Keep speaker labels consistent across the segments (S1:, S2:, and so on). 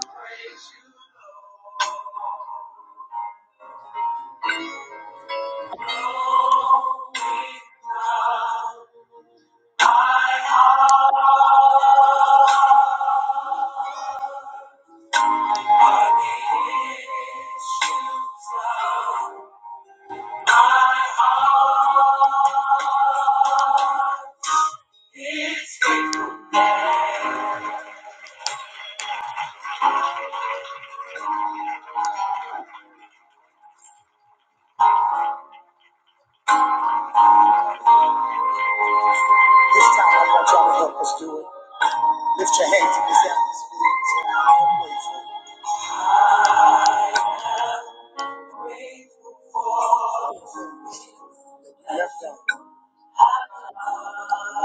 S1: This time I want y'all to help us do it. Lift your hands in this atmosphere and say, I'm grateful. Yes, God.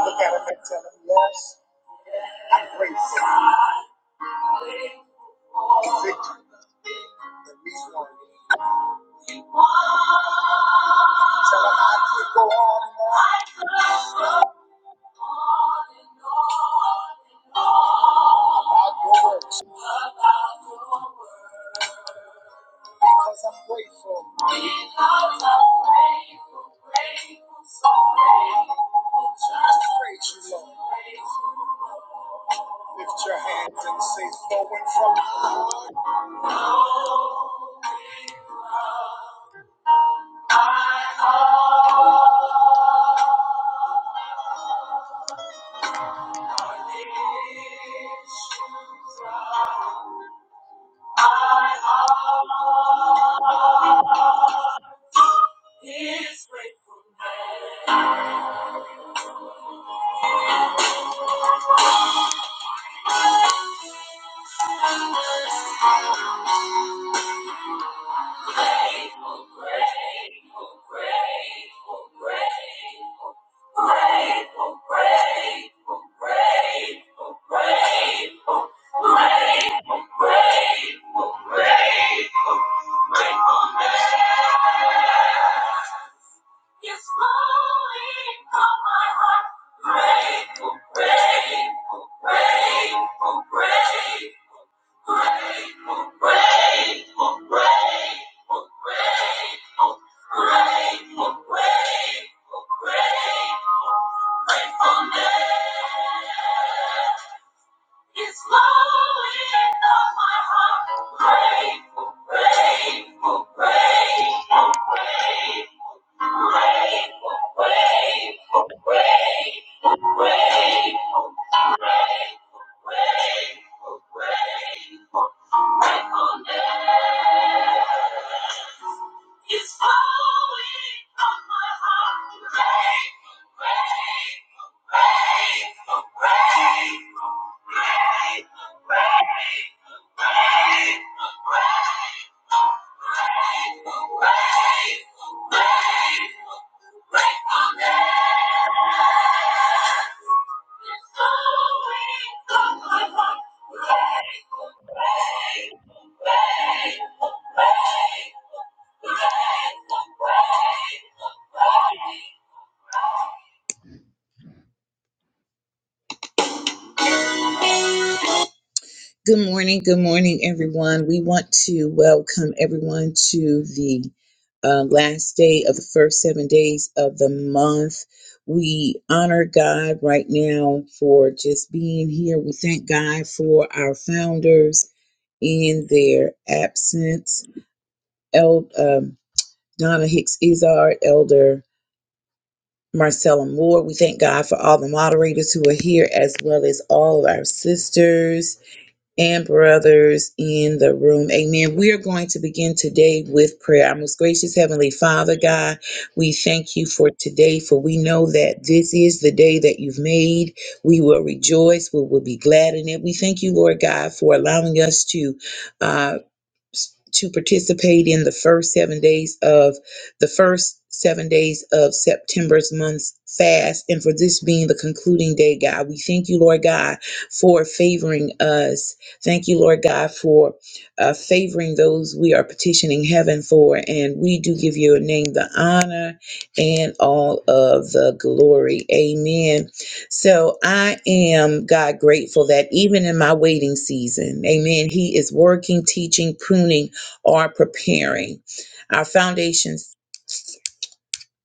S1: Look at him and tell him, yes, I'm grateful. The victory that we won. Tell him I could go on and on about your works. Because I'm grateful. Because I'm grateful, grateful, so grateful. Just praise you, Lord. Lift your hands and say, flowing from the heart. My heart is grateful, grateful, grateful, grateful, grateful. Grateful, grateful, grateful, grateful. you flowing from my heart. Grateful, grateful, grateful. You're flowing from my heart. Gratefulness is flowing from my heart. Grateful, grateful, grateful, grateful, grateful, grateful, gratefulness. Good morning, good morning, everyone. We want to welcome everyone to the uh, last day of the first seven days of the month. We honor God right now for just being here. We thank God for our founders. in their absence. El, um, Donna Hicks Izard, Elder Marcella Moore. We thank God for all the moderators who are here, as well as all of our sisters and brothers in the room. Amen. We are going to begin today with prayer. Our most gracious Heavenly Father, God, we thank you for today, for we know that this is the day that you've made. We will rejoice. We will be glad in it. We thank you, Lord God, for allowing us to. uh, to participate in the first seven days of the first seven days of September's month fast. And for this being the concluding day, God, we thank you, Lord God, for favoring us. Thank you, Lord God, for uh, favoring those we are petitioning heaven for. And we do give your name the honor and all of the glory. Amen. So I am God grateful that even in my waiting season, amen, He is working, teaching, pruning, or preparing. Our foundations,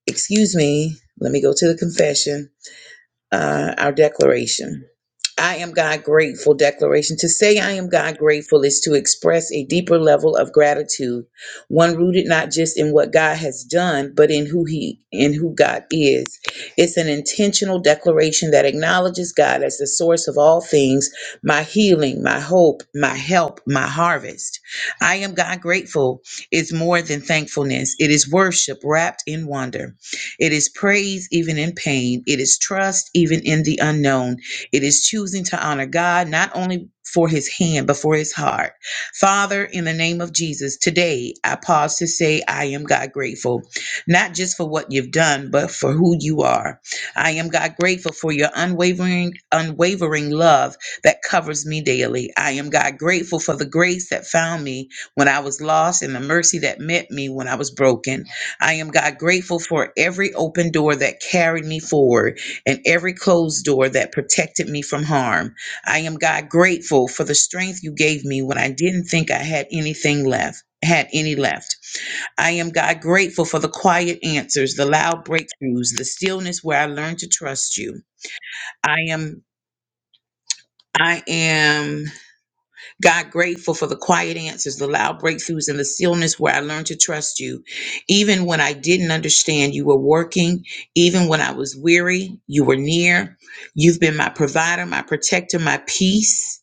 S1: excuse me, let me go to the confession uh, our declaration. I am God grateful declaration. To say I am God grateful is to express a deeper level of gratitude, one rooted not just in what God has done, but in who He in who God is. It's an intentional declaration that acknowledges God as the source of all things, my healing, my hope, my help, my harvest. I am God grateful is more than thankfulness. It is worship wrapped in wonder. It is praise even in pain. It is trust even in the unknown. It is choosing to honor God not only for his hand, but for his heart. Father, in the name of Jesus, today I pause to say I am God grateful, not just for what you've done, but for who you are. I am God grateful for your unwavering, unwavering love that covers me daily. I am God grateful for the grace that found me when I was lost and the mercy that met me when I was broken. I am God grateful for every open door that carried me forward and every closed door that protected me from harm. I am God grateful for the strength you gave me when I didn't think I had anything left. Had any left. I am God grateful for the quiet answers, the loud breakthroughs, the stillness where I learned to trust you. I am, I am God, grateful for the quiet answers, the loud breakthroughs, and the stillness where I learned to trust you. Even when I didn't understand, you were working. Even when I was weary, you were near. You've been my provider, my protector, my peace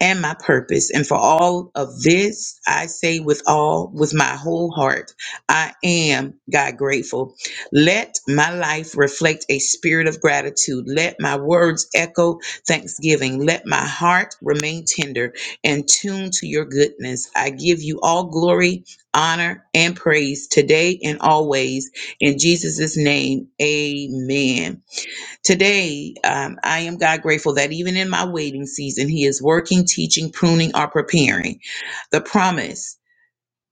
S1: and my purpose. And for all of this, I say with all, with my whole heart, I am God grateful. Let my life reflect a spirit of gratitude. Let my words echo thanksgiving. Let my heart remain tender and tuned to your goodness. I give you all glory, honor, and praise today and always. In Jesus' name, amen. Today, um, I am God grateful that even in my waiting season, He is working, teaching, pruning, or preparing. The promise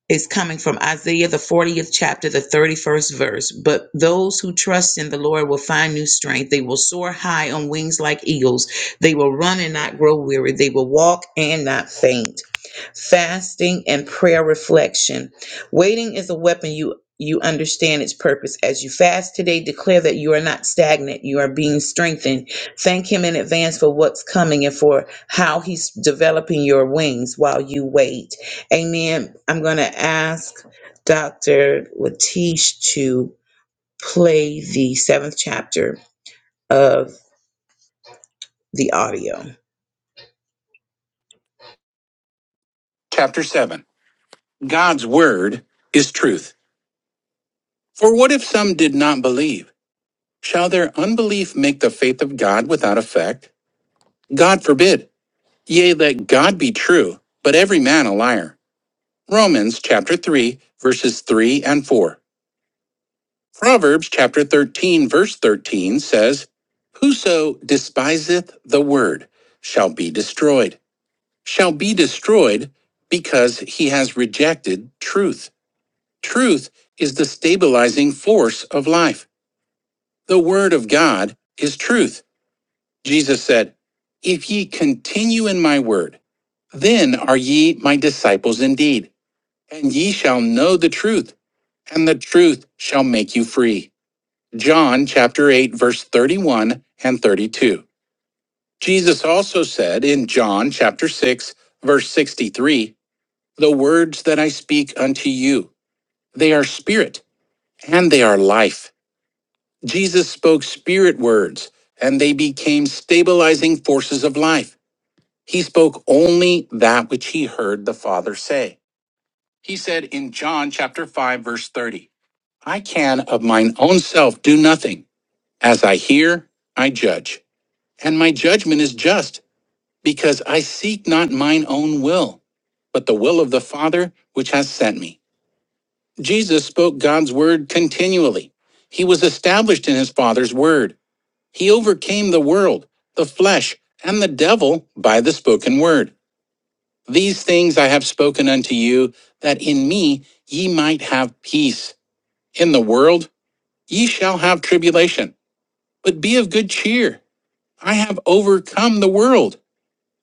S1: is coming from Isaiah, the 40th chapter, the 31st verse. But those who trust in the Lord will find new strength. They will soar high on wings like eagles. They will run and not grow weary. They will walk and not faint. Fasting and prayer reflection. Waiting is a weapon you you understand its purpose. As you fast today, declare that you are not stagnant. You are being strengthened. Thank Him in advance for what's coming and for how He's developing your wings while you wait. Amen. I'm going to ask Dr. Latish to play the seventh chapter of the audio.
S2: Chapter 7 God's Word is truth. For what if some did not believe? Shall their unbelief make the faith of God without effect? God forbid. Yea, let God be true, but every man a liar. Romans chapter 3, verses 3 and 4. Proverbs chapter 13, verse 13 says, Whoso despiseth the word shall be destroyed, shall be destroyed because he has rejected truth. Truth is the stabilizing force of life. The Word of God is truth. Jesus said, If ye continue in my word, then are ye my disciples indeed, and ye shall know the truth, and the truth shall make you free. John chapter 8, verse 31 and 32. Jesus also said in John chapter 6, verse 63, The words that I speak unto you, they are spirit and they are life. Jesus spoke spirit words, and they became stabilizing forces of life. He spoke only that which he heard the Father say. He said in John chapter 5 verse 30, I can of mine own self do nothing. As I hear, I judge, and my judgment is just, because I seek not mine own will, but the will of the Father which has sent me. Jesus spoke God's word continually. He was established in his Father's word. He overcame the world, the flesh, and the devil by the spoken word. These things I have spoken unto you, that in me ye might have peace. In the world ye shall have tribulation, but be of good cheer. I have overcome the world.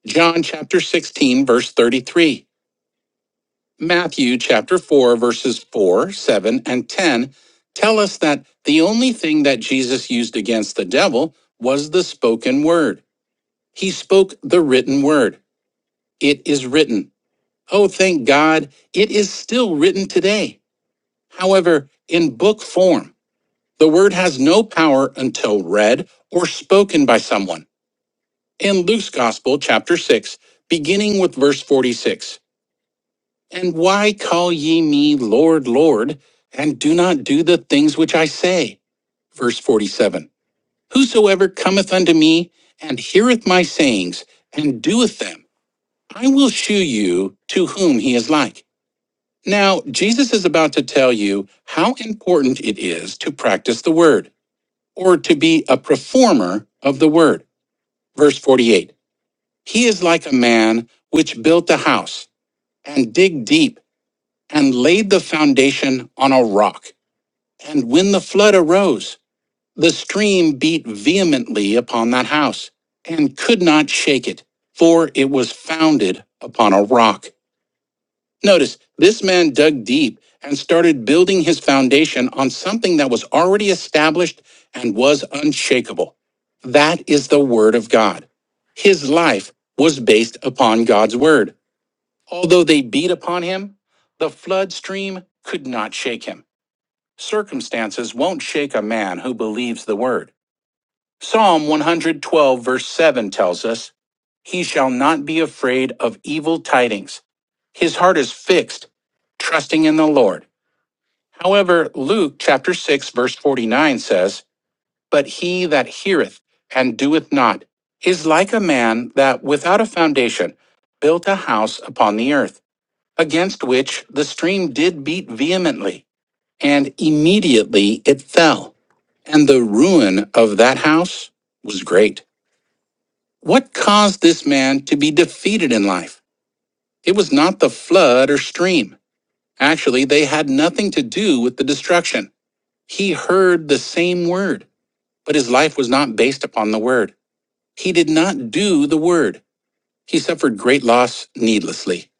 S2: John chapter 16, verse 33. Matthew chapter 4, verses 4, 7, and 10 tell us that the only thing that Jesus used against the devil was the spoken word. He spoke the written word. It is written. Oh, thank God, it is still written today. However, in book form, the word has no power until read or spoken by someone. In Luke's Gospel, chapter 6, beginning with verse 46, And why call ye me Lord, Lord, and do not do the things which I say? Verse 47, Whosoever cometh unto me and heareth my sayings and doeth them, I will shew you to whom he is like. Now, Jesus is about to tell you how important it is to practice the word or to be a performer of the word. Verse 48 He is like a man which built a house and dig deep and laid the foundation on a rock. And when the flood arose, the stream beat vehemently upon that house and could not shake it, for it was founded upon a rock. Notice this man dug deep and started building his foundation on something that was already established and was unshakable. That is the Word of God. His life was based upon God's Word. Although they beat upon him, the flood stream could not shake him. Circumstances won't shake a man who believes the Word. Psalm 112, verse 7 tells us, He shall not be afraid of evil tidings. His heart is fixed, trusting in the Lord. However, Luke chapter 6, verse 49 says, But he that heareth and doeth not is like a man that without a foundation built a house upon the earth, against which the stream did beat vehemently, and immediately it fell. And the ruin of that house was great. What caused this man to be defeated in life? It was not the flood or stream. Actually, they had nothing to do with the destruction. He heard the same word, but his life was not based upon the word. He did not do the word. He suffered great loss needlessly.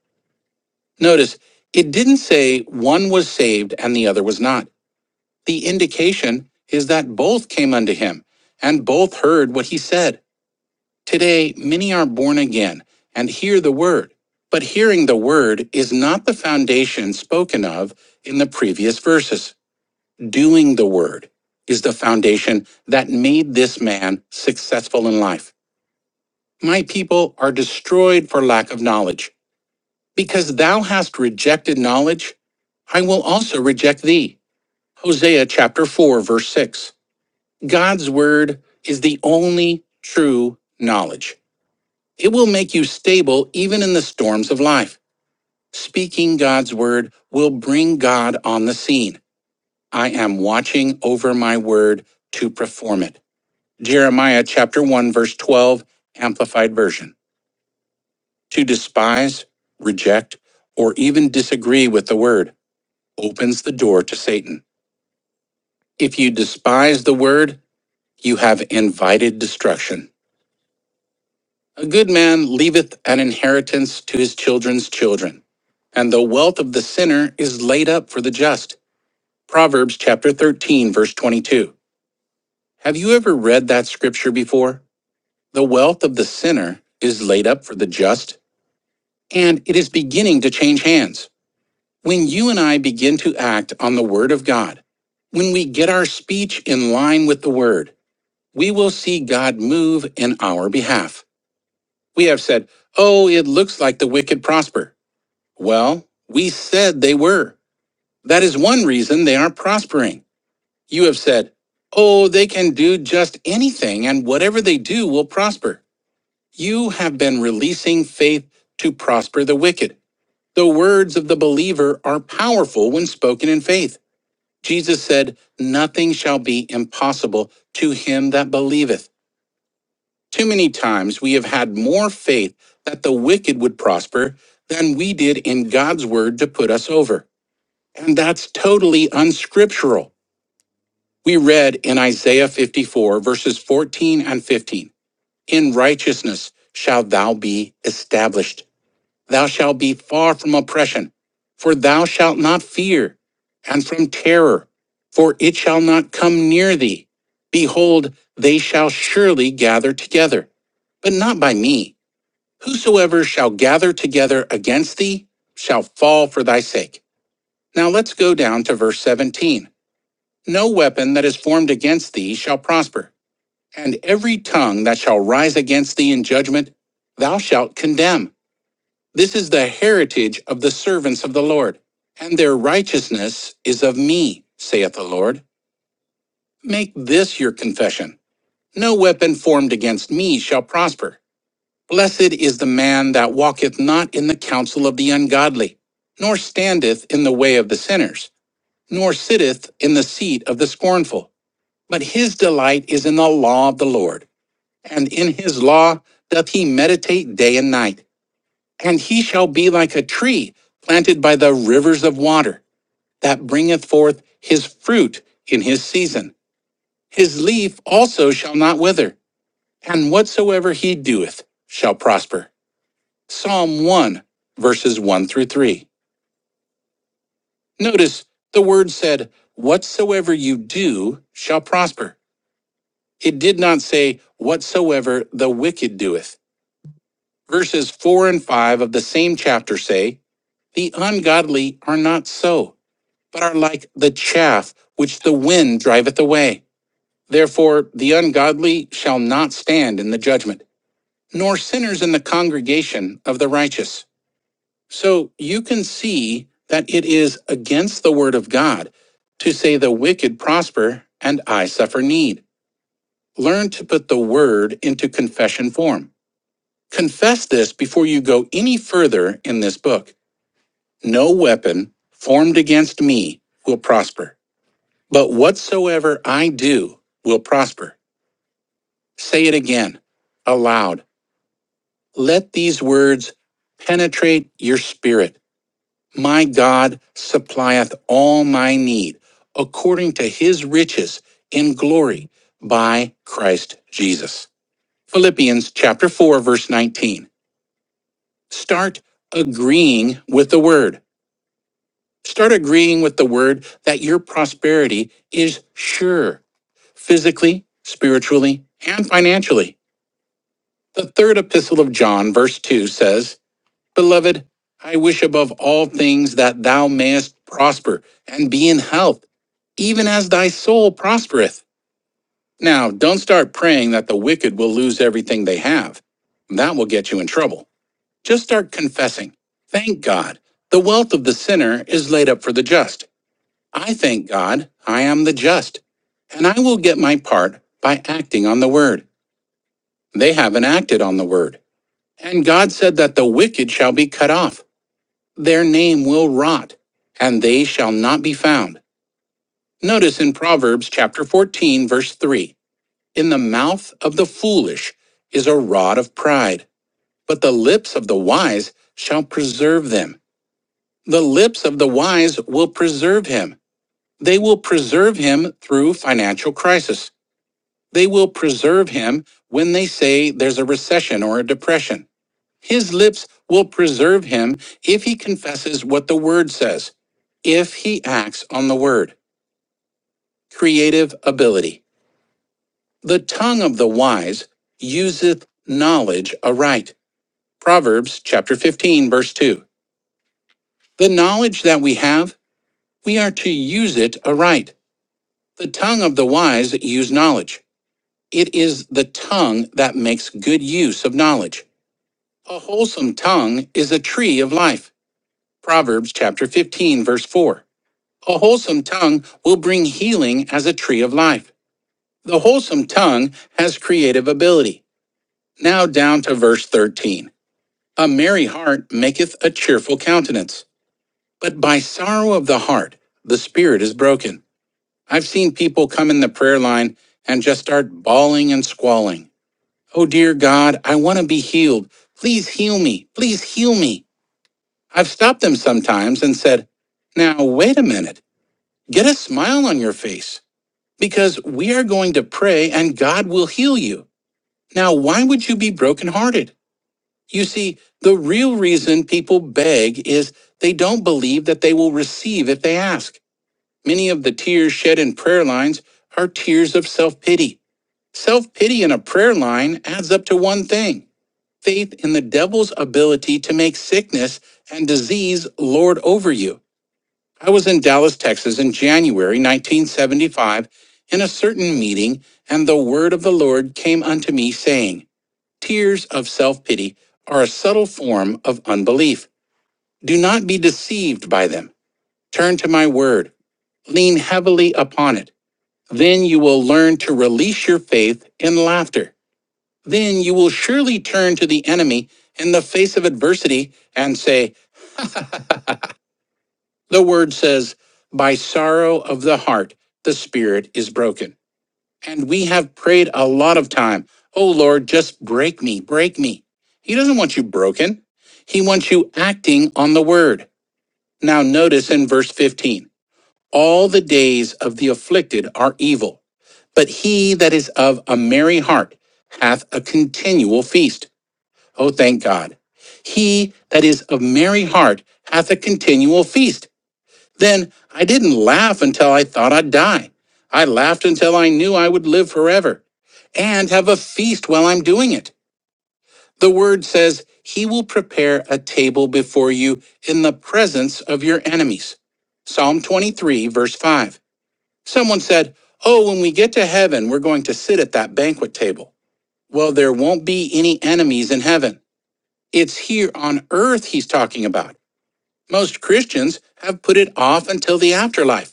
S2: Notice, it didn't say one was saved and the other was not. The indication is that both came unto him and both heard what he said. Today, many are born again and hear the word, but hearing the word is not the foundation spoken of in the previous verses. Doing the word is the foundation that made this man successful in life. My people are destroyed for lack of knowledge. Because thou hast rejected knowledge, I will also reject thee. Hosea chapter 4, verse 6. God's word is the only true knowledge. It will make you stable even in the storms of life. Speaking God's word will bring God on the scene. I am watching over my word to perform it. Jeremiah chapter 1 verse 12 amplified version. To despise, reject, or even disagree with the word opens the door to Satan. If you despise the word, you have invited destruction. A good man leaveth an inheritance to his children's children, and the wealth of the sinner is laid up for the just. Proverbs chapter 13, verse 22. Have you ever read that scripture before? The wealth of the sinner is laid up for the just, and it is beginning to change hands. When you and I begin to act on the word of God, when we get our speech in line with the word, we will see God move in our behalf. We have said, Oh, it looks like the wicked prosper. Well, we said they were. That is one reason they aren't prospering. You have said, oh, they can do just anything and whatever they do will prosper. You have been releasing faith to prosper the wicked. The words of the believer are powerful when spoken in faith. Jesus said, Nothing shall be impossible to him that believeth. Too many times we have had more faith that the wicked would prosper than we did in God's word to put us over. And that's totally unscriptural. We read in Isaiah 54, verses 14 and 15 In righteousness shalt thou be established. Thou shalt be far from oppression, for thou shalt not fear, and from terror, for it shall not come near thee. Behold, they shall surely gather together, but not by me. Whosoever shall gather together against thee shall fall for thy sake. Now let's go down to verse 17. No weapon that is formed against thee shall prosper, and every tongue that shall rise against thee in judgment, thou shalt condemn. This is the heritage of the servants of the Lord, and their righteousness is of me, saith the Lord. Make this your confession. No weapon formed against me shall prosper. Blessed is the man that walketh not in the counsel of the ungodly, nor standeth in the way of the sinners, nor sitteth in the seat of the scornful But his delight is in the law of the Lord, and in his law doth he meditate day and night. And he shall be like a tree planted by the rivers of water, that bringeth forth his fruit in his season. His leaf also shall not wither, and whatsoever he doeth shall prosper. Psalm 1, verses 1 through 3. Notice the word said, Whatsoever you do shall prosper. It did not say, Whatsoever the wicked doeth. Verses 4 and 5 of the same chapter say, The ungodly are not so, but are like the chaff which the wind driveth away. Therefore, the ungodly shall not stand in the judgment, nor sinners in the congregation of the righteous. So you can see that it is against the word of God to say the wicked prosper and I suffer need. Learn to put the word into confession form. Confess this before you go any further in this book. No weapon formed against me will prosper, but whatsoever I do will prosper. Say it again, aloud. Let these words penetrate your spirit. My God supplieth all my need according to his riches in glory by Christ Jesus. Philippians chapter 4 verse 19. Start agreeing with the word. Start agreeing with the word that your prosperity is sure, physically, spiritually, and financially. The third epistle of John, verse 2 says, Beloved, I wish above all things that thou mayest prosper and be in health, even as thy soul prospereth. Now, don't start praying that the wicked will lose everything they have. That will get you in trouble. Just start confessing. Thank God. The wealth of the sinner is laid up for the just. I thank God I am the just, and I will get my part by acting on the word. They haven't acted on the word. And God said that the wicked shall be cut off, their name will rot, and they shall not be found. Notice in Proverbs chapter 14, verse 3 In the mouth of the foolish is a rod of pride, but the lips of the wise shall preserve them. The lips of the wise will preserve him. They will preserve him through financial crisis. They will preserve him when they say there's a recession or a depression. His lips will preserve him if he confesses what the word says, if he acts on the word. Creative ability. The tongue of the wise useth knowledge aright. Proverbs chapter 15, verse 2. The knowledge that we have, we are to use it aright. The tongue of the wise use knowledge. It is the tongue that makes good use of knowledge. A wholesome tongue is a tree of life. Proverbs chapter 15, verse 4. A wholesome tongue will bring healing as a tree of life. The wholesome tongue has creative ability. Now down to verse 13. A merry heart maketh a cheerful countenance, but by sorrow of the heart the spirit is broken. I've seen people come in the prayer line and just start bawling and squalling. Oh dear God, I want to be healed. Please heal me. Please heal me. I've stopped them sometimes and said, Now, wait a minute, get a smile on your face, because we are going to pray and God will heal you. Now, why would you be brokenhearted? You see, the real reason people beg is they don't believe that they will receive if they ask. Many of the tears shed in prayer lines are tears of self pity. Self pity in a prayer line adds up to one thing faith in the devil's ability to make sickness and disease lord over you. I was in Dallas, Texas in January 1975 in a certain meeting, and the word of the Lord came unto me, saying, Tears of self pity are a subtle form of unbelief. Do not be deceived by them. Turn to my word, lean heavily upon it. Then you will learn to release your faith in laughter. Then you will surely turn to the enemy in the face of adversity and say, The word says, By sorrow of the heart, the spirit is broken. And we have prayed a lot of time. Oh Lord, just break me, break me. He doesn't want you broken. He wants you acting on the word. Now notice in verse 15, all the days of the afflicted are evil, but he that is of a merry heart hath a continual feast. Oh, thank God. He that is of merry heart hath a continual feast. Then I didn't laugh until I thought I'd die. I laughed until I knew I would live forever and have a feast while I'm doing it. The word says, He will prepare a table before you in the presence of your enemies. Psalm 23, verse 5. Someone said, Oh, when we get to heaven, we're going to sit at that banquet table. Well, there won't be any enemies in heaven. It's here on earth he's talking about. Most Christians have put it off until the afterlife.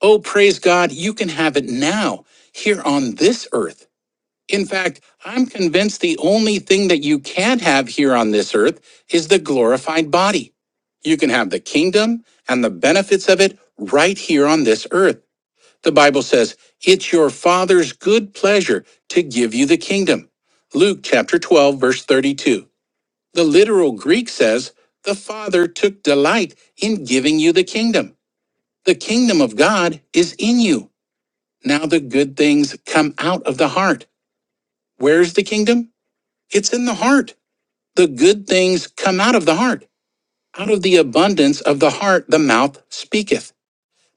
S2: Oh, praise God, you can have it now, here on this earth. In fact, I'm convinced the only thing that you can have here on this earth is the glorified body. You can have the kingdom and the benefits of it right here on this earth. The Bible says, it's your Father's good pleasure to give you the kingdom. Luke chapter 12, verse 32. The literal Greek says, the Father took delight in giving you the kingdom. The kingdom of God is in you. Now the good things come out of the heart. Where's the kingdom? It's in the heart. The good things come out of the heart. Out of the abundance of the heart, the mouth speaketh.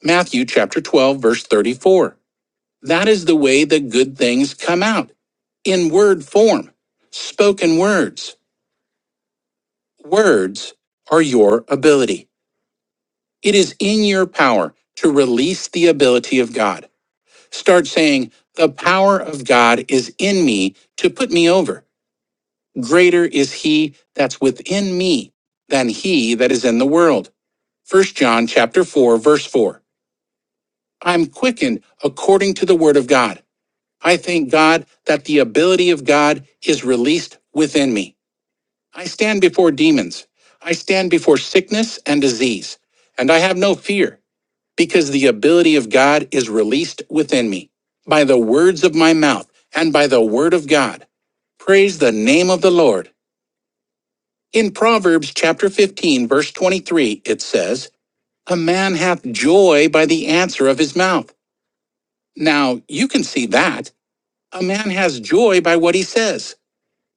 S2: Matthew chapter 12, verse 34. That is the way the good things come out in word form, spoken words. Words are your ability. It is in your power to release the ability of God. Start saying, The power of God is in me to put me over. greater is he that's within me than he that is in the world. First John chapter 4 verse 4. I'm quickened according to the word of God. I thank God that the ability of God is released within me. I stand before demons. I stand before sickness and disease, and I have no fear because the ability of God is released within me by the words of my mouth and by the word of God. Praise the name of the Lord. In Proverbs chapter 15, verse 23, it says, A man hath joy by the answer of his mouth. Now, you can see that. A man has joy by what he says.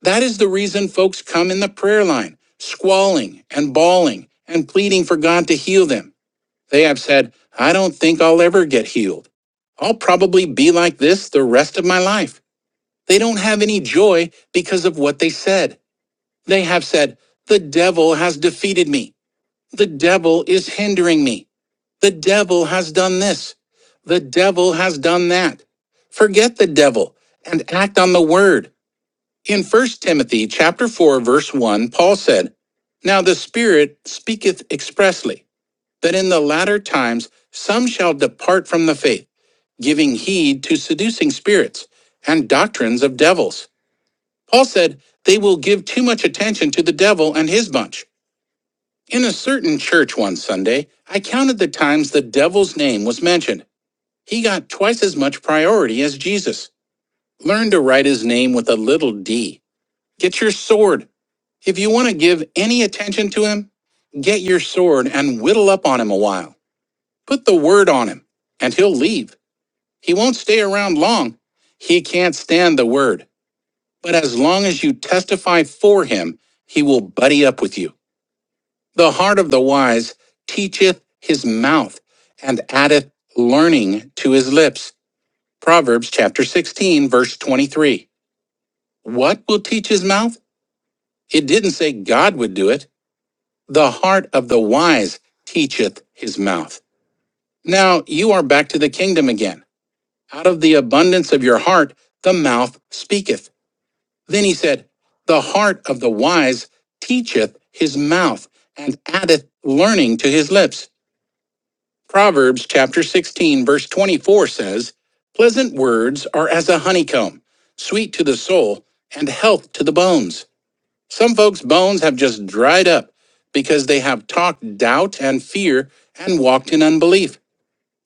S2: That is the reason folks come in the prayer line, squalling and bawling and pleading for God to heal them. They have said, I don't think I'll ever get healed. I'll probably be like this the rest of my life. They don't have any joy because of what they said. They have said, The devil has defeated me. The devil is hindering me. The devil has done this. The devil has done that. Forget the devil and act on the word. In First Timothy chapter 4 verse 1, Paul said, "Now the Spirit speaketh expressly that in the latter times some shall depart from the faith, giving heed to seducing spirits and doctrines of devils." Paul said, "They will give too much attention to the devil and his bunch." In a certain church one Sunday, I counted the times the devil's name was mentioned. He got twice as much priority as Jesus. Learn to write his name with a little d. Get your sword. If you want to give any attention to him, get your sword and whittle up on him a while. Put the word on him, and he'll leave. He won't stay around long. He can't stand the word. But as long as you testify for him, he will buddy up with you. The heart of the wise teacheth his mouth and addeth learning to his lips. Proverbs chapter 16, verse 23. What will teach his mouth? It didn't say God would do it. The heart of the wise teacheth his mouth. Now you are back to the kingdom again. Out of the abundance of your heart, the mouth speaketh. Then he said, The heart of the wise teacheth his mouth and addeth learning to his lips. Proverbs chapter 16, verse 24 says, Pleasant words are as a honeycomb, sweet to the soul and health to the bones. Some folks' bones have just dried up because they have talked doubt and fear and walked in unbelief.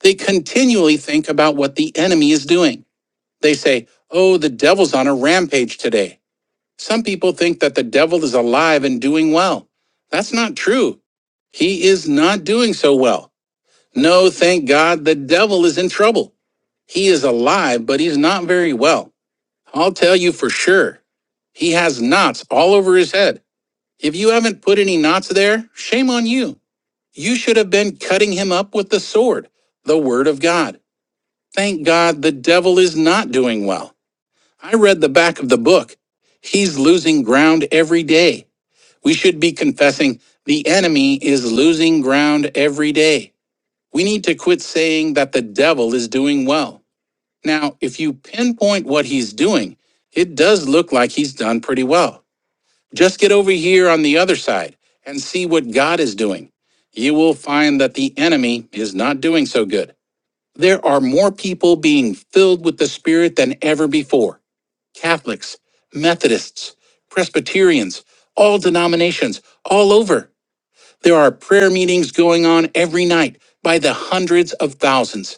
S2: They continually think about what the enemy is doing. They say, Oh, the devil's on a rampage today. Some people think that the devil is alive and doing well. That's not true. He is not doing so well. No, thank God the devil is in trouble. He is alive, but he's not very well. I'll tell you for sure. He has knots all over his head. If you haven't put any knots there, shame on you. You should have been cutting him up with the sword, the word of God. Thank God the devil is not doing well. I read the back of the book. He's losing ground every day. We should be confessing the enemy is losing ground every day. We need to quit saying that the devil is doing well. Now, if you pinpoint what he's doing, it does look like he's done pretty well. Just get over here on the other side and see what God is doing. You will find that the enemy is not doing so good. There are more people being filled with the Spirit than ever before Catholics, Methodists, Presbyterians, all denominations, all over. There are prayer meetings going on every night by the hundreds of thousands.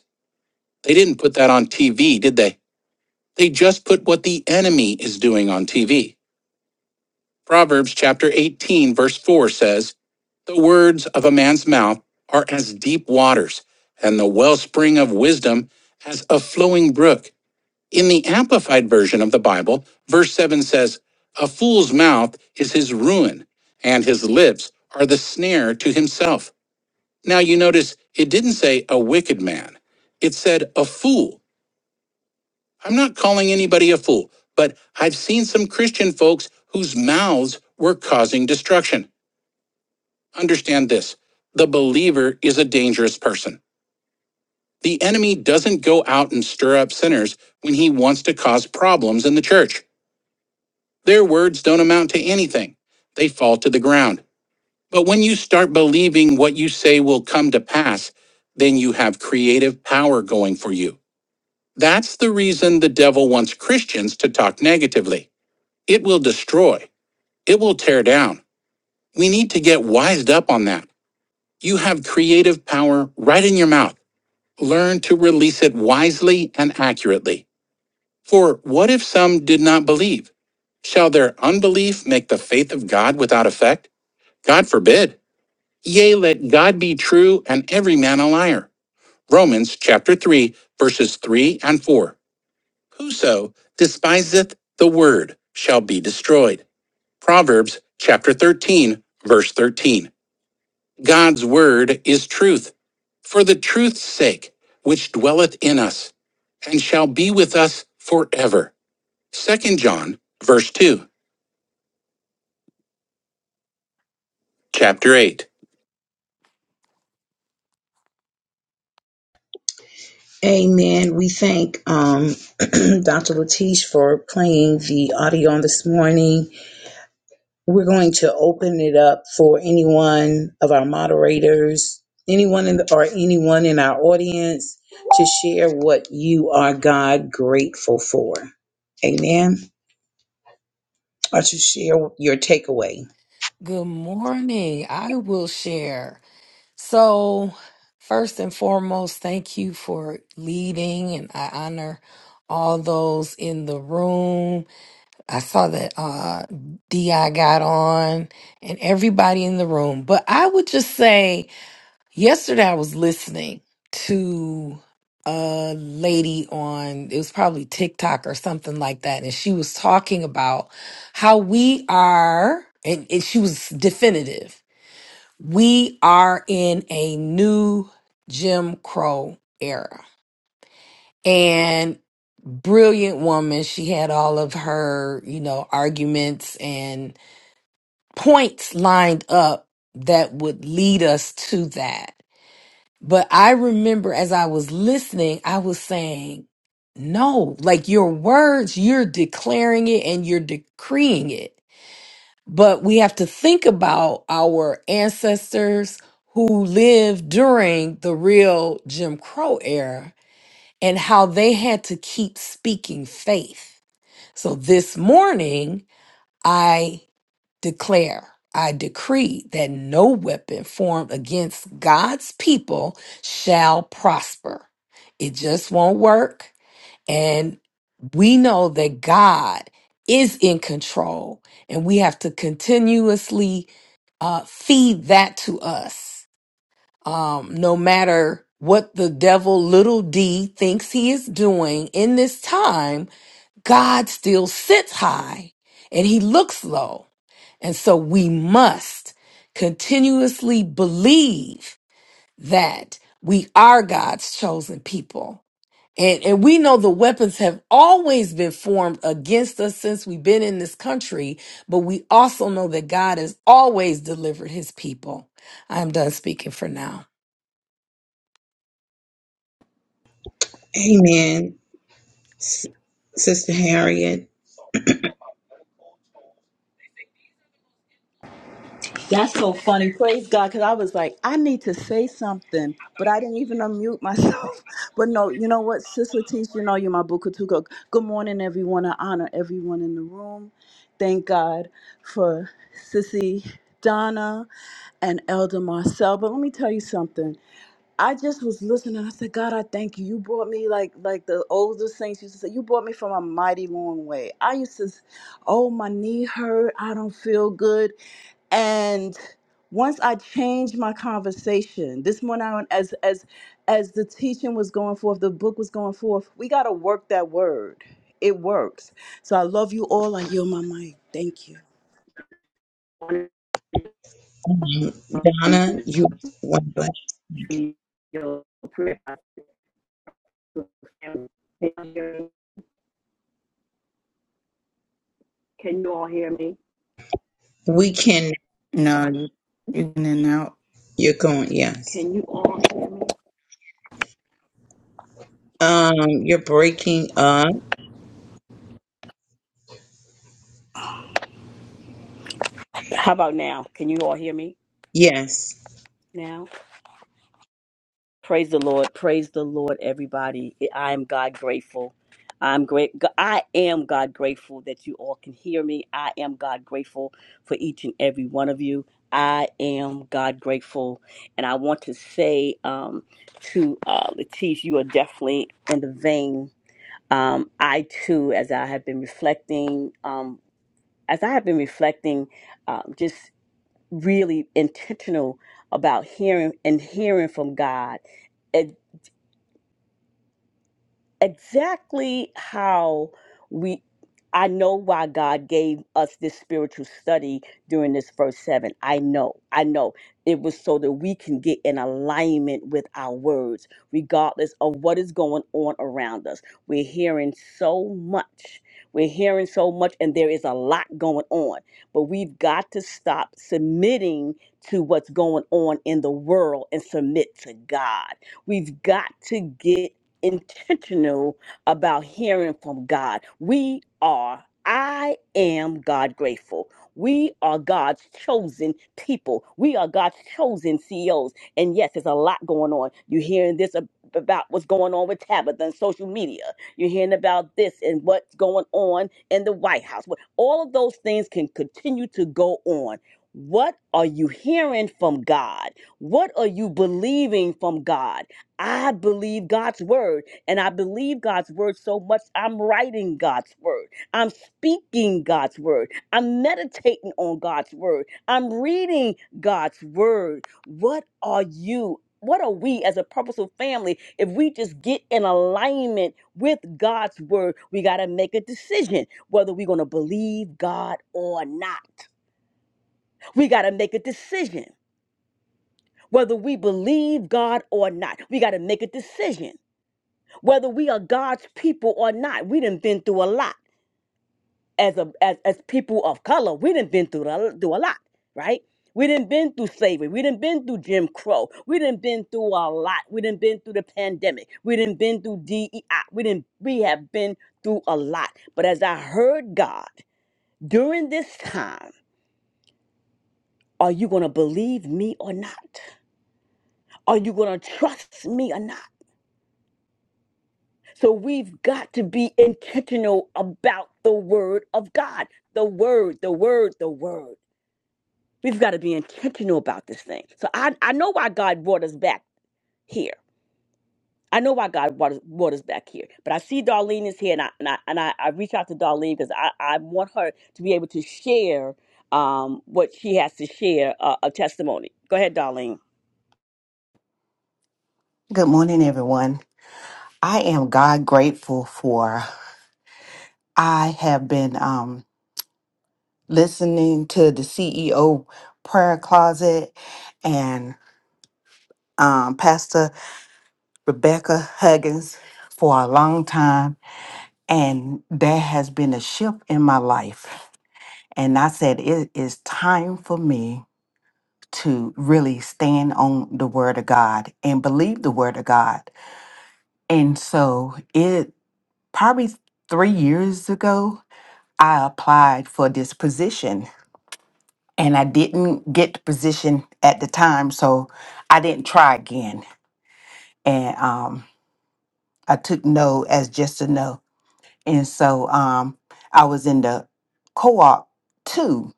S2: They didn't put that on TV, did they? They just put what the enemy is doing on TV. Proverbs chapter 18, verse 4 says, The words of a man's mouth are as deep waters, and the wellspring of wisdom as a flowing brook. In the Amplified version of the Bible, verse 7 says, A fool's mouth is his ruin, and his lips are the snare to himself. Now you notice it didn't say a wicked man, it said a fool. I'm not calling anybody a fool, but I've seen some Christian folks whose mouths were causing destruction. Understand this the believer is a dangerous person. The enemy doesn't go out and stir up sinners when he wants to cause problems in the church. Their words don't amount to anything, they fall to the ground. But when you start believing what you say will come to pass, then you have creative power going for you. That's the reason the devil wants Christians to talk negatively. It will destroy. It will tear down. We need to get wised up on that. You have creative power right in your mouth. Learn to release it wisely and accurately. For what if some did not believe? Shall their unbelief make the faith of God without effect? God forbid. Yea, let God be true and every man a liar. Romans chapter 3, verses 3 and 4. Whoso despiseth the word shall be destroyed. Proverbs chapter 13, verse 13. God's word is truth. For the truth's sake, which dwelleth in us, and shall be with us forever. Second John, verse 2, chapter 8.
S1: Amen. We thank um, Dr. Latish for playing the audio on this morning. We're going to open it up for anyone of our moderators, anyone in the, or anyone in our audience to share what you are God grateful for. Amen or to share your takeaway.
S2: Good morning. I will share. So, first and foremost, thank you for leading, and I honor all those in the room. I saw that uh DI got on and everybody in the room. But I would just say yesterday I was listening to a lady on it was probably TikTok or something like that, and she was talking about how we are and, and she was definitive. We are in a new Jim Crow era and brilliant woman. She had all of her, you know, arguments and points lined up that would lead us to that. But I remember as I was listening, I was saying, no, like your words, you're declaring it and you're decreeing it. But we have to think about our ancestors who lived during the real Jim Crow era and how they had to keep speaking faith. So this morning, I declare, I decree that no weapon formed against God's people shall prosper. It just won't work. And we know that God is in control, and we have to continuously uh, feed that to us um, no matter what the devil little d thinks he is doing in this time, God still sits high and he looks low. And so we must continuously believe that we are God's chosen people. And, and we know the weapons have always been formed against us since we've been in this country, but we also know that God has always delivered his people. I'm done speaking for now.
S1: Amen. S- Sister Harriet.
S3: That's so funny. Praise God. Because I was like, I need to say something, but I didn't even unmute myself. But no, you know what, Sister Teach, you know you're my Bukatuko. Good morning, everyone. I honor everyone in the room. Thank God for Sissy Donna and Elder Marcel. But let me tell you something. I just was listening. I said, God, I thank you. You brought me like like the older saints used to say, you brought me from a mighty long way. I used to, s- oh, my knee hurt. I don't feel good. And once I changed my conversation, this morning I went- as as as the teaching was going forth, the book was going forth, we gotta work that word. It works. So I love you all. I yield my mic. Thank you.
S1: Um, Donna, you
S4: can you Can you all hear me?
S1: We can.
S5: No, you you're in and out.
S1: You're going. Yes.
S4: Can you all hear me?
S1: Um, you're breaking up.
S4: How about now? Can you all hear me
S1: Yes.
S4: now? Praise the Lord. Praise the Lord, everybody. I am God grateful. I'm great. I am God grateful that you all can hear me. I am God grateful for each and every one of you. I am God grateful. And I want to say um, to uh, Latif, you are definitely in the vein um, I too, as I have been reflecting, um, as I have been reflecting, um, just really intentional about hearing and hearing from God. exactly how we I know why God gave us this spiritual study during this first seven. I know. I know. It was so that we can get in alignment with our words, regardless of what is going on around us. We're hearing so much. We're hearing so much, and there is a lot going on. But we've got to stop submitting to what's going on in the world and submit to God. We've got to get intentional about hearing from God. We are, I am God grateful. We are God's chosen people. We are God's chosen CEOs. And yes, there's a lot going on. You're hearing this ab- about what's going on with Tabitha and social media. You're hearing about this and what's going on in the White House. What- All of those things can continue to go on. What are you hearing from God? What are you believing from God? I believe God's word, and I believe God's word so much. I'm writing God's word. I'm speaking God's word. I'm meditating on God's word. I'm reading God's word. What are you? What are we as a purposeful family if we just get in alignment with God's word? We got to make a decision whether we're going to believe God or not. We got to make a decision whether we believe God or not. We got to make a decision whether we are God's people or not. We done been through a lot as a as, as people of color. We done been through a, through a lot, right? We done been through slavery. We done been through Jim Crow. We done been through a lot. We done been through the pandemic. We done been through DEI. We done we have been through a lot. But as I heard God during this time, are you gonna believe me or not? Are you gonna trust me or not? So we've got to be intentional about the word of God. The word, the word, the word. We've got to be intentional about this thing. So I, I know why God brought us back here. I know why God brought us, brought us back here. But I see Darlene is here, and I and I, and I, I reach out to Darlene because I, I want her to be able to share um, what she has to share uh, a testimony. Go ahead, Darlene.
S6: Good morning, everyone. I am God grateful for. I have been um, listening to the CEO prayer closet and um, Pastor Rebecca Huggins for a long time, and there has been a shift in my life. And I said, it is time for me to really stand on the Word of God and believe the Word of God. And so it probably three years ago I applied for this position and I didn't get the position at the time, so I didn't try again. And um, I took no as just a no. And so um, I was in the co op too.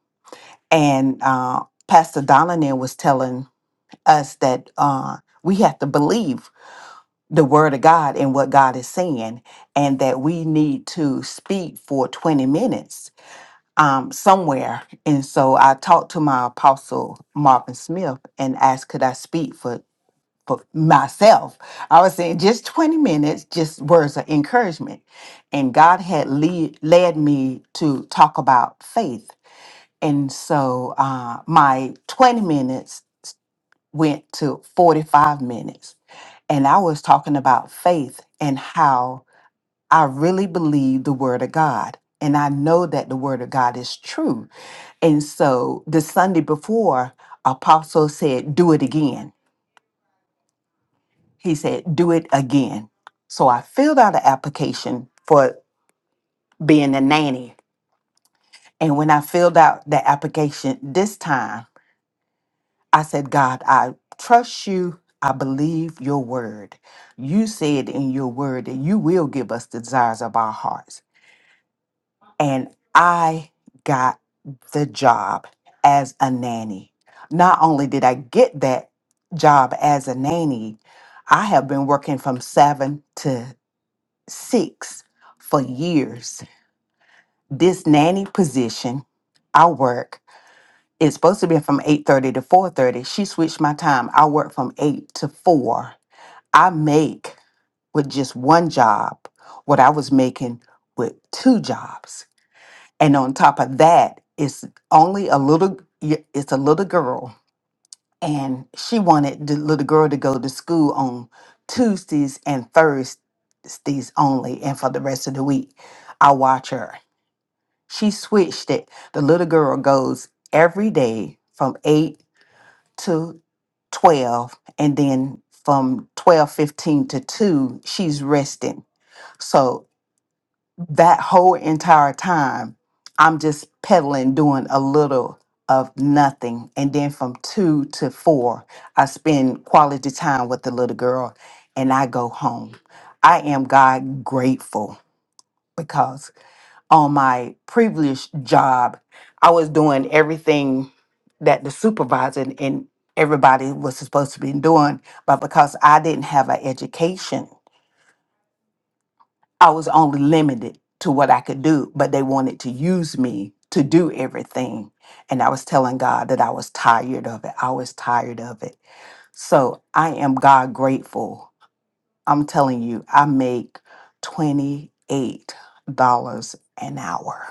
S6: And uh, Pastor Donlin was telling us that uh, we have to believe the word of God and what God is saying, and that we need to speak for 20 minutes um, somewhere. And so I talked to my apostle, Marvin Smith, and asked, could I speak for, for myself? I was saying just 20 minutes, just words of encouragement. And God had lead, led me to talk about faith. And so uh, my 20 minutes went to 45 minutes. And I was talking about faith and how I really believe the Word of God. And I know that the Word of God is true and so the Sunday before, Apostle said, Do it again. He said, Do it again. So I filled out an application for being a nanny. And when I filled out the application this time, I said, God, I trust you. I believe your word. You said in your word that you will give us the desires of our hearts. and I got the job as a nanny. Not only did I get that job as a nanny, I have been working from seven to six for years. This nanny position, I work. It's supposed to be from 8:30 to 4:30. She switched my time. I work from 8 to 4. I make with just one job what I was making with two jobs and on top of that it's only a little y- it's a little girl and she wanted the little girl to go to school on tuesdays and thursdays only and for the rest of the week i watch her she switched it the little girl goes every day from 8 to 12 and then from 12:15 to 2 she's resting so that whole entire time, I'm just pedaling, doing a little of nothing. And then from two to four, I spend quality time with the little girl and I go home. I am God grateful because on my previous job, I was doing everything that the supervisor and and everybody was supposed to be doing, but because I didn't have an education I was only limited to what I could do, but they wanted to use me to do everything. And I was telling God that I was tired of it. I was tired of it. So I am God grateful. I'm telling you, I make $28 an hour.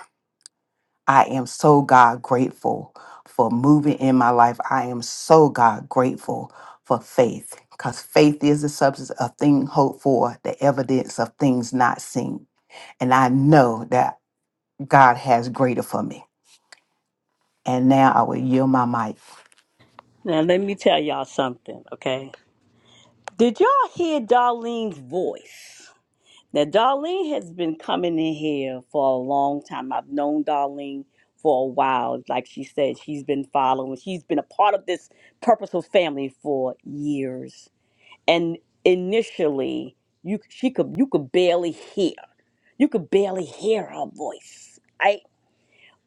S6: I am so God grateful for moving in my life. I am so God grateful for faith because faith is the substance of things hoped for, the evidence of things not seen. And I know that God has greater for me. And now I will yield my mic.
S4: Now let me tell y'all something, okay? Did y'all hear Darlene's voice? Now, Darlene has been coming in here for a long time. I've known Darlene for a while. Like she said, she's been following, she's been a part of this purposeful family for years. And initially, you she could you could barely hear. You could barely hear her voice. right?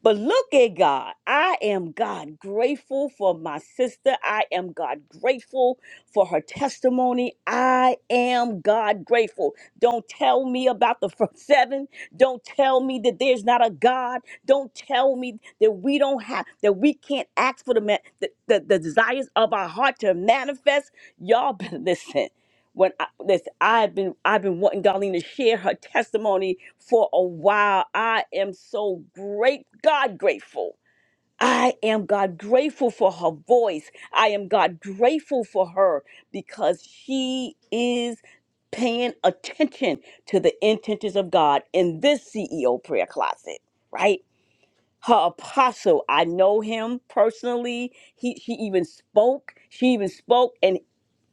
S4: But look at God. I am God grateful for my sister. I am God grateful for her testimony. I am God grateful. Don't tell me about the first seven. Don't tell me that there's not a God. Don't tell me that we don't have that we can't ask for the ma- the, the, the desires of our heart to manifest. Y'all better listen when I, this I've been I've been wanting Darlene to share her testimony for a while. I am so great God grateful. I am God grateful for her voice. I am God grateful for her because she is paying attention to the intentions of God in this CEO prayer closet, right? her apostle. I know him personally. He she even spoke. She even spoke and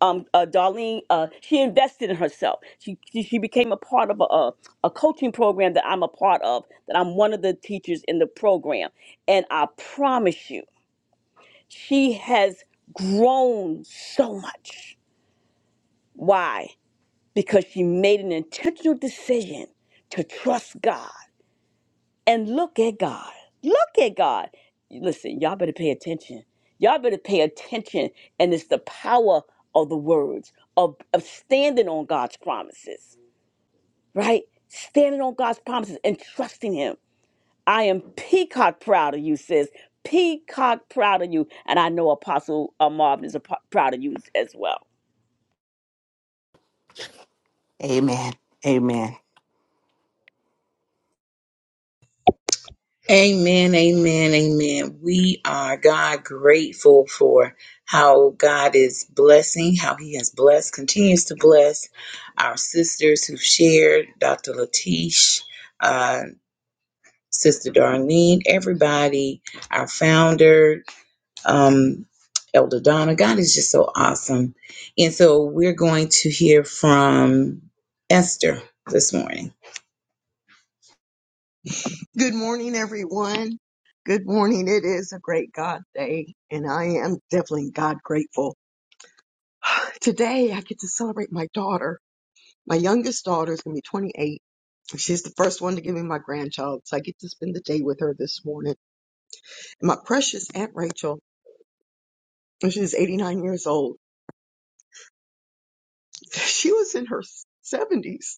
S4: um uh, Darlene uh she invested in herself. She she, she became a part of a, a a coaching program that I'm a part of. That I'm one of the teachers in the program. And I promise you, she has grown so much. Why? Because she made an intentional decision to trust God and look at God. Look at God. Listen, y'all better pay attention. Y'all better pay attention. And it's the power of the words, of, of standing on God's promises, right? Standing on God's promises and trusting Him. I am peacock proud of you, sis. Peacock proud of you. And I know Apostle uh, Marvin is a, po- proud of you as well.
S6: Amen. Amen.
S1: Amen, amen, amen. We are God grateful for how God is blessing, how He has blessed, continues to bless our sisters who've shared, Dr. Latish, uh, Sister Darlene, everybody, our founder, um, Elder Donna. God is just so awesome. And so we're going to hear from Esther this morning.
S7: Good morning, everyone. Good morning. It is a great God day, and I am definitely God grateful. Today, I get to celebrate my daughter. My youngest daughter is going to be 28. She's the first one to give me my grandchild, so I get to spend the day with her this morning. And my precious Aunt Rachel, she's 89 years old. She was in her 70s,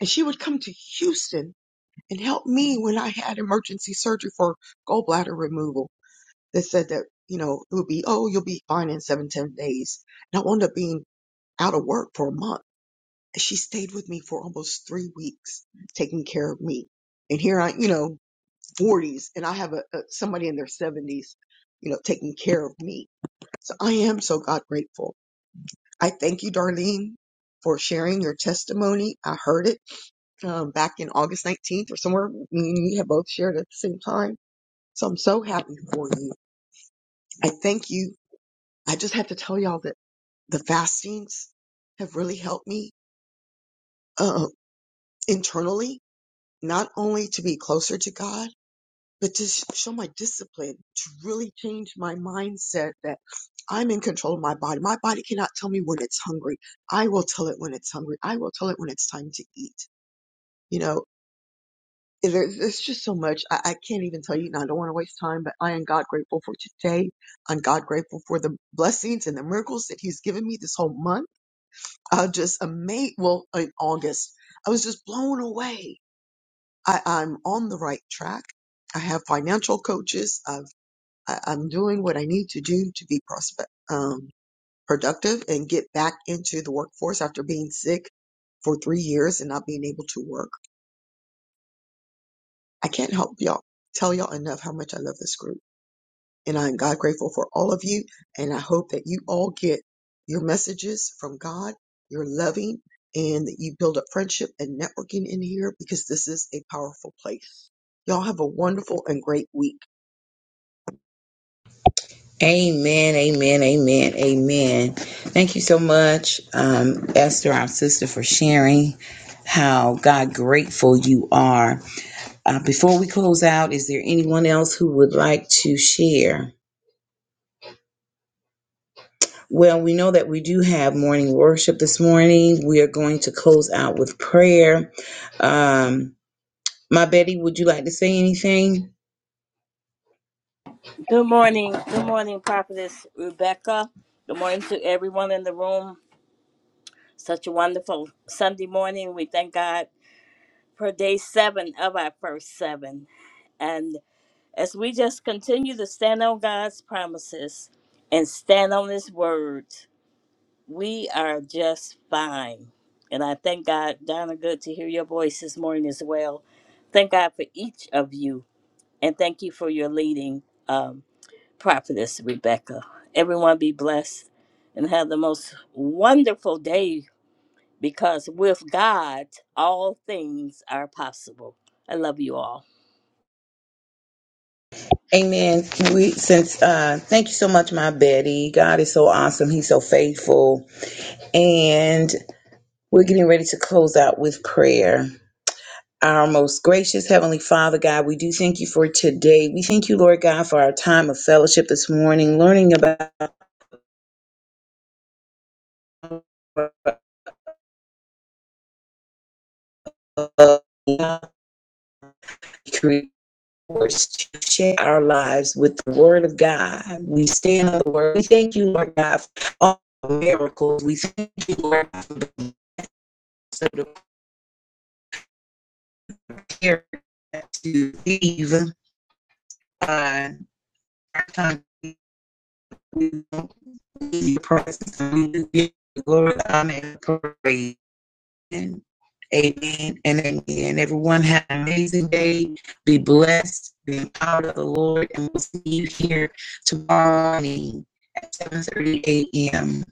S7: and she would come to Houston and help me when I had emergency surgery for gallbladder removal that said that, you know, it would be, oh, you'll be fine in seven, ten days. And I wound up being out of work for a month. She stayed with me for almost three weeks taking care of me. And here I, you know, 40s and I have a, a somebody in their 70s, you know, taking care of me. So I am so God grateful. I thank you, Darlene, for sharing your testimony. I heard it um, back in August 19th or somewhere. Me and you have both shared at the same time. So I'm so happy for you. I thank you I just had to tell y'all that the fastings have really helped me um, internally, not only to be closer to God, but to sh- show my discipline, to really change my mindset that I'm in control of my body. My body cannot tell me when it's hungry. I will tell it when it's hungry. I will tell it when it's time to eat. You know, there, there's just so much. I, I can't even tell you, and I don't want to waste time, but I am God grateful for today. I'm God grateful for the blessings and the miracles that He's given me this whole month. uh, just amazed. Well, in August, I was just blown away. I, I'm on the right track. I have financial coaches. I've, I, I'm doing what I need to do to be prospect, um, productive and get back into the workforce after being sick for three years and not being able to work. I can't help y'all tell y'all enough how much I love this group And I am God grateful for all of you. And I hope that you all get your messages from God, your loving, and that you build up friendship and networking in here because this is a powerful place. Y'all have a wonderful and great week.
S1: Amen, amen, amen, amen. Thank you so much, um, Esther, our sister, for sharing how God grateful you are. Uh, before we close out, is there anyone else who would like to share? Well, we know that we do have morning worship this morning. We are going to close out with prayer. Um, my Betty, would you like to say anything?
S8: Good morning. Good morning, Prophetess Rebecca. Good morning to everyone in the room. Such a wonderful Sunday morning. We thank God for day seven of our first seven. And as we just continue to stand on God's promises and stand on His word, we are just fine. And I thank God, Donna, good to hear your voice this morning as well. Thank God for each of you. And thank you for your leading. Um, Prophetess Rebecca. Everyone be blessed and have the most wonderful day because with God, all things are possible. I love you all.
S1: Amen. We since uh thank you so much, my Betty. God is so awesome. He's so faithful. And we're getting ready to close out with prayer. Our most gracious Heavenly Father, God, we do thank you for today. We thank you, Lord God, for our time of fellowship this morning, learning about to share our lives with the word of God. We stand on the word. We thank you, Lord God, for all miracles. We thank you, Lord God, for the care to leave uh, our time. We don't leave your presence. We give you glory, honor, and praise. Amen. Amen and amen. Everyone have an amazing day. Be blessed. Be empowered of the Lord. And we'll see you here tomorrow morning at 7.30 a.m.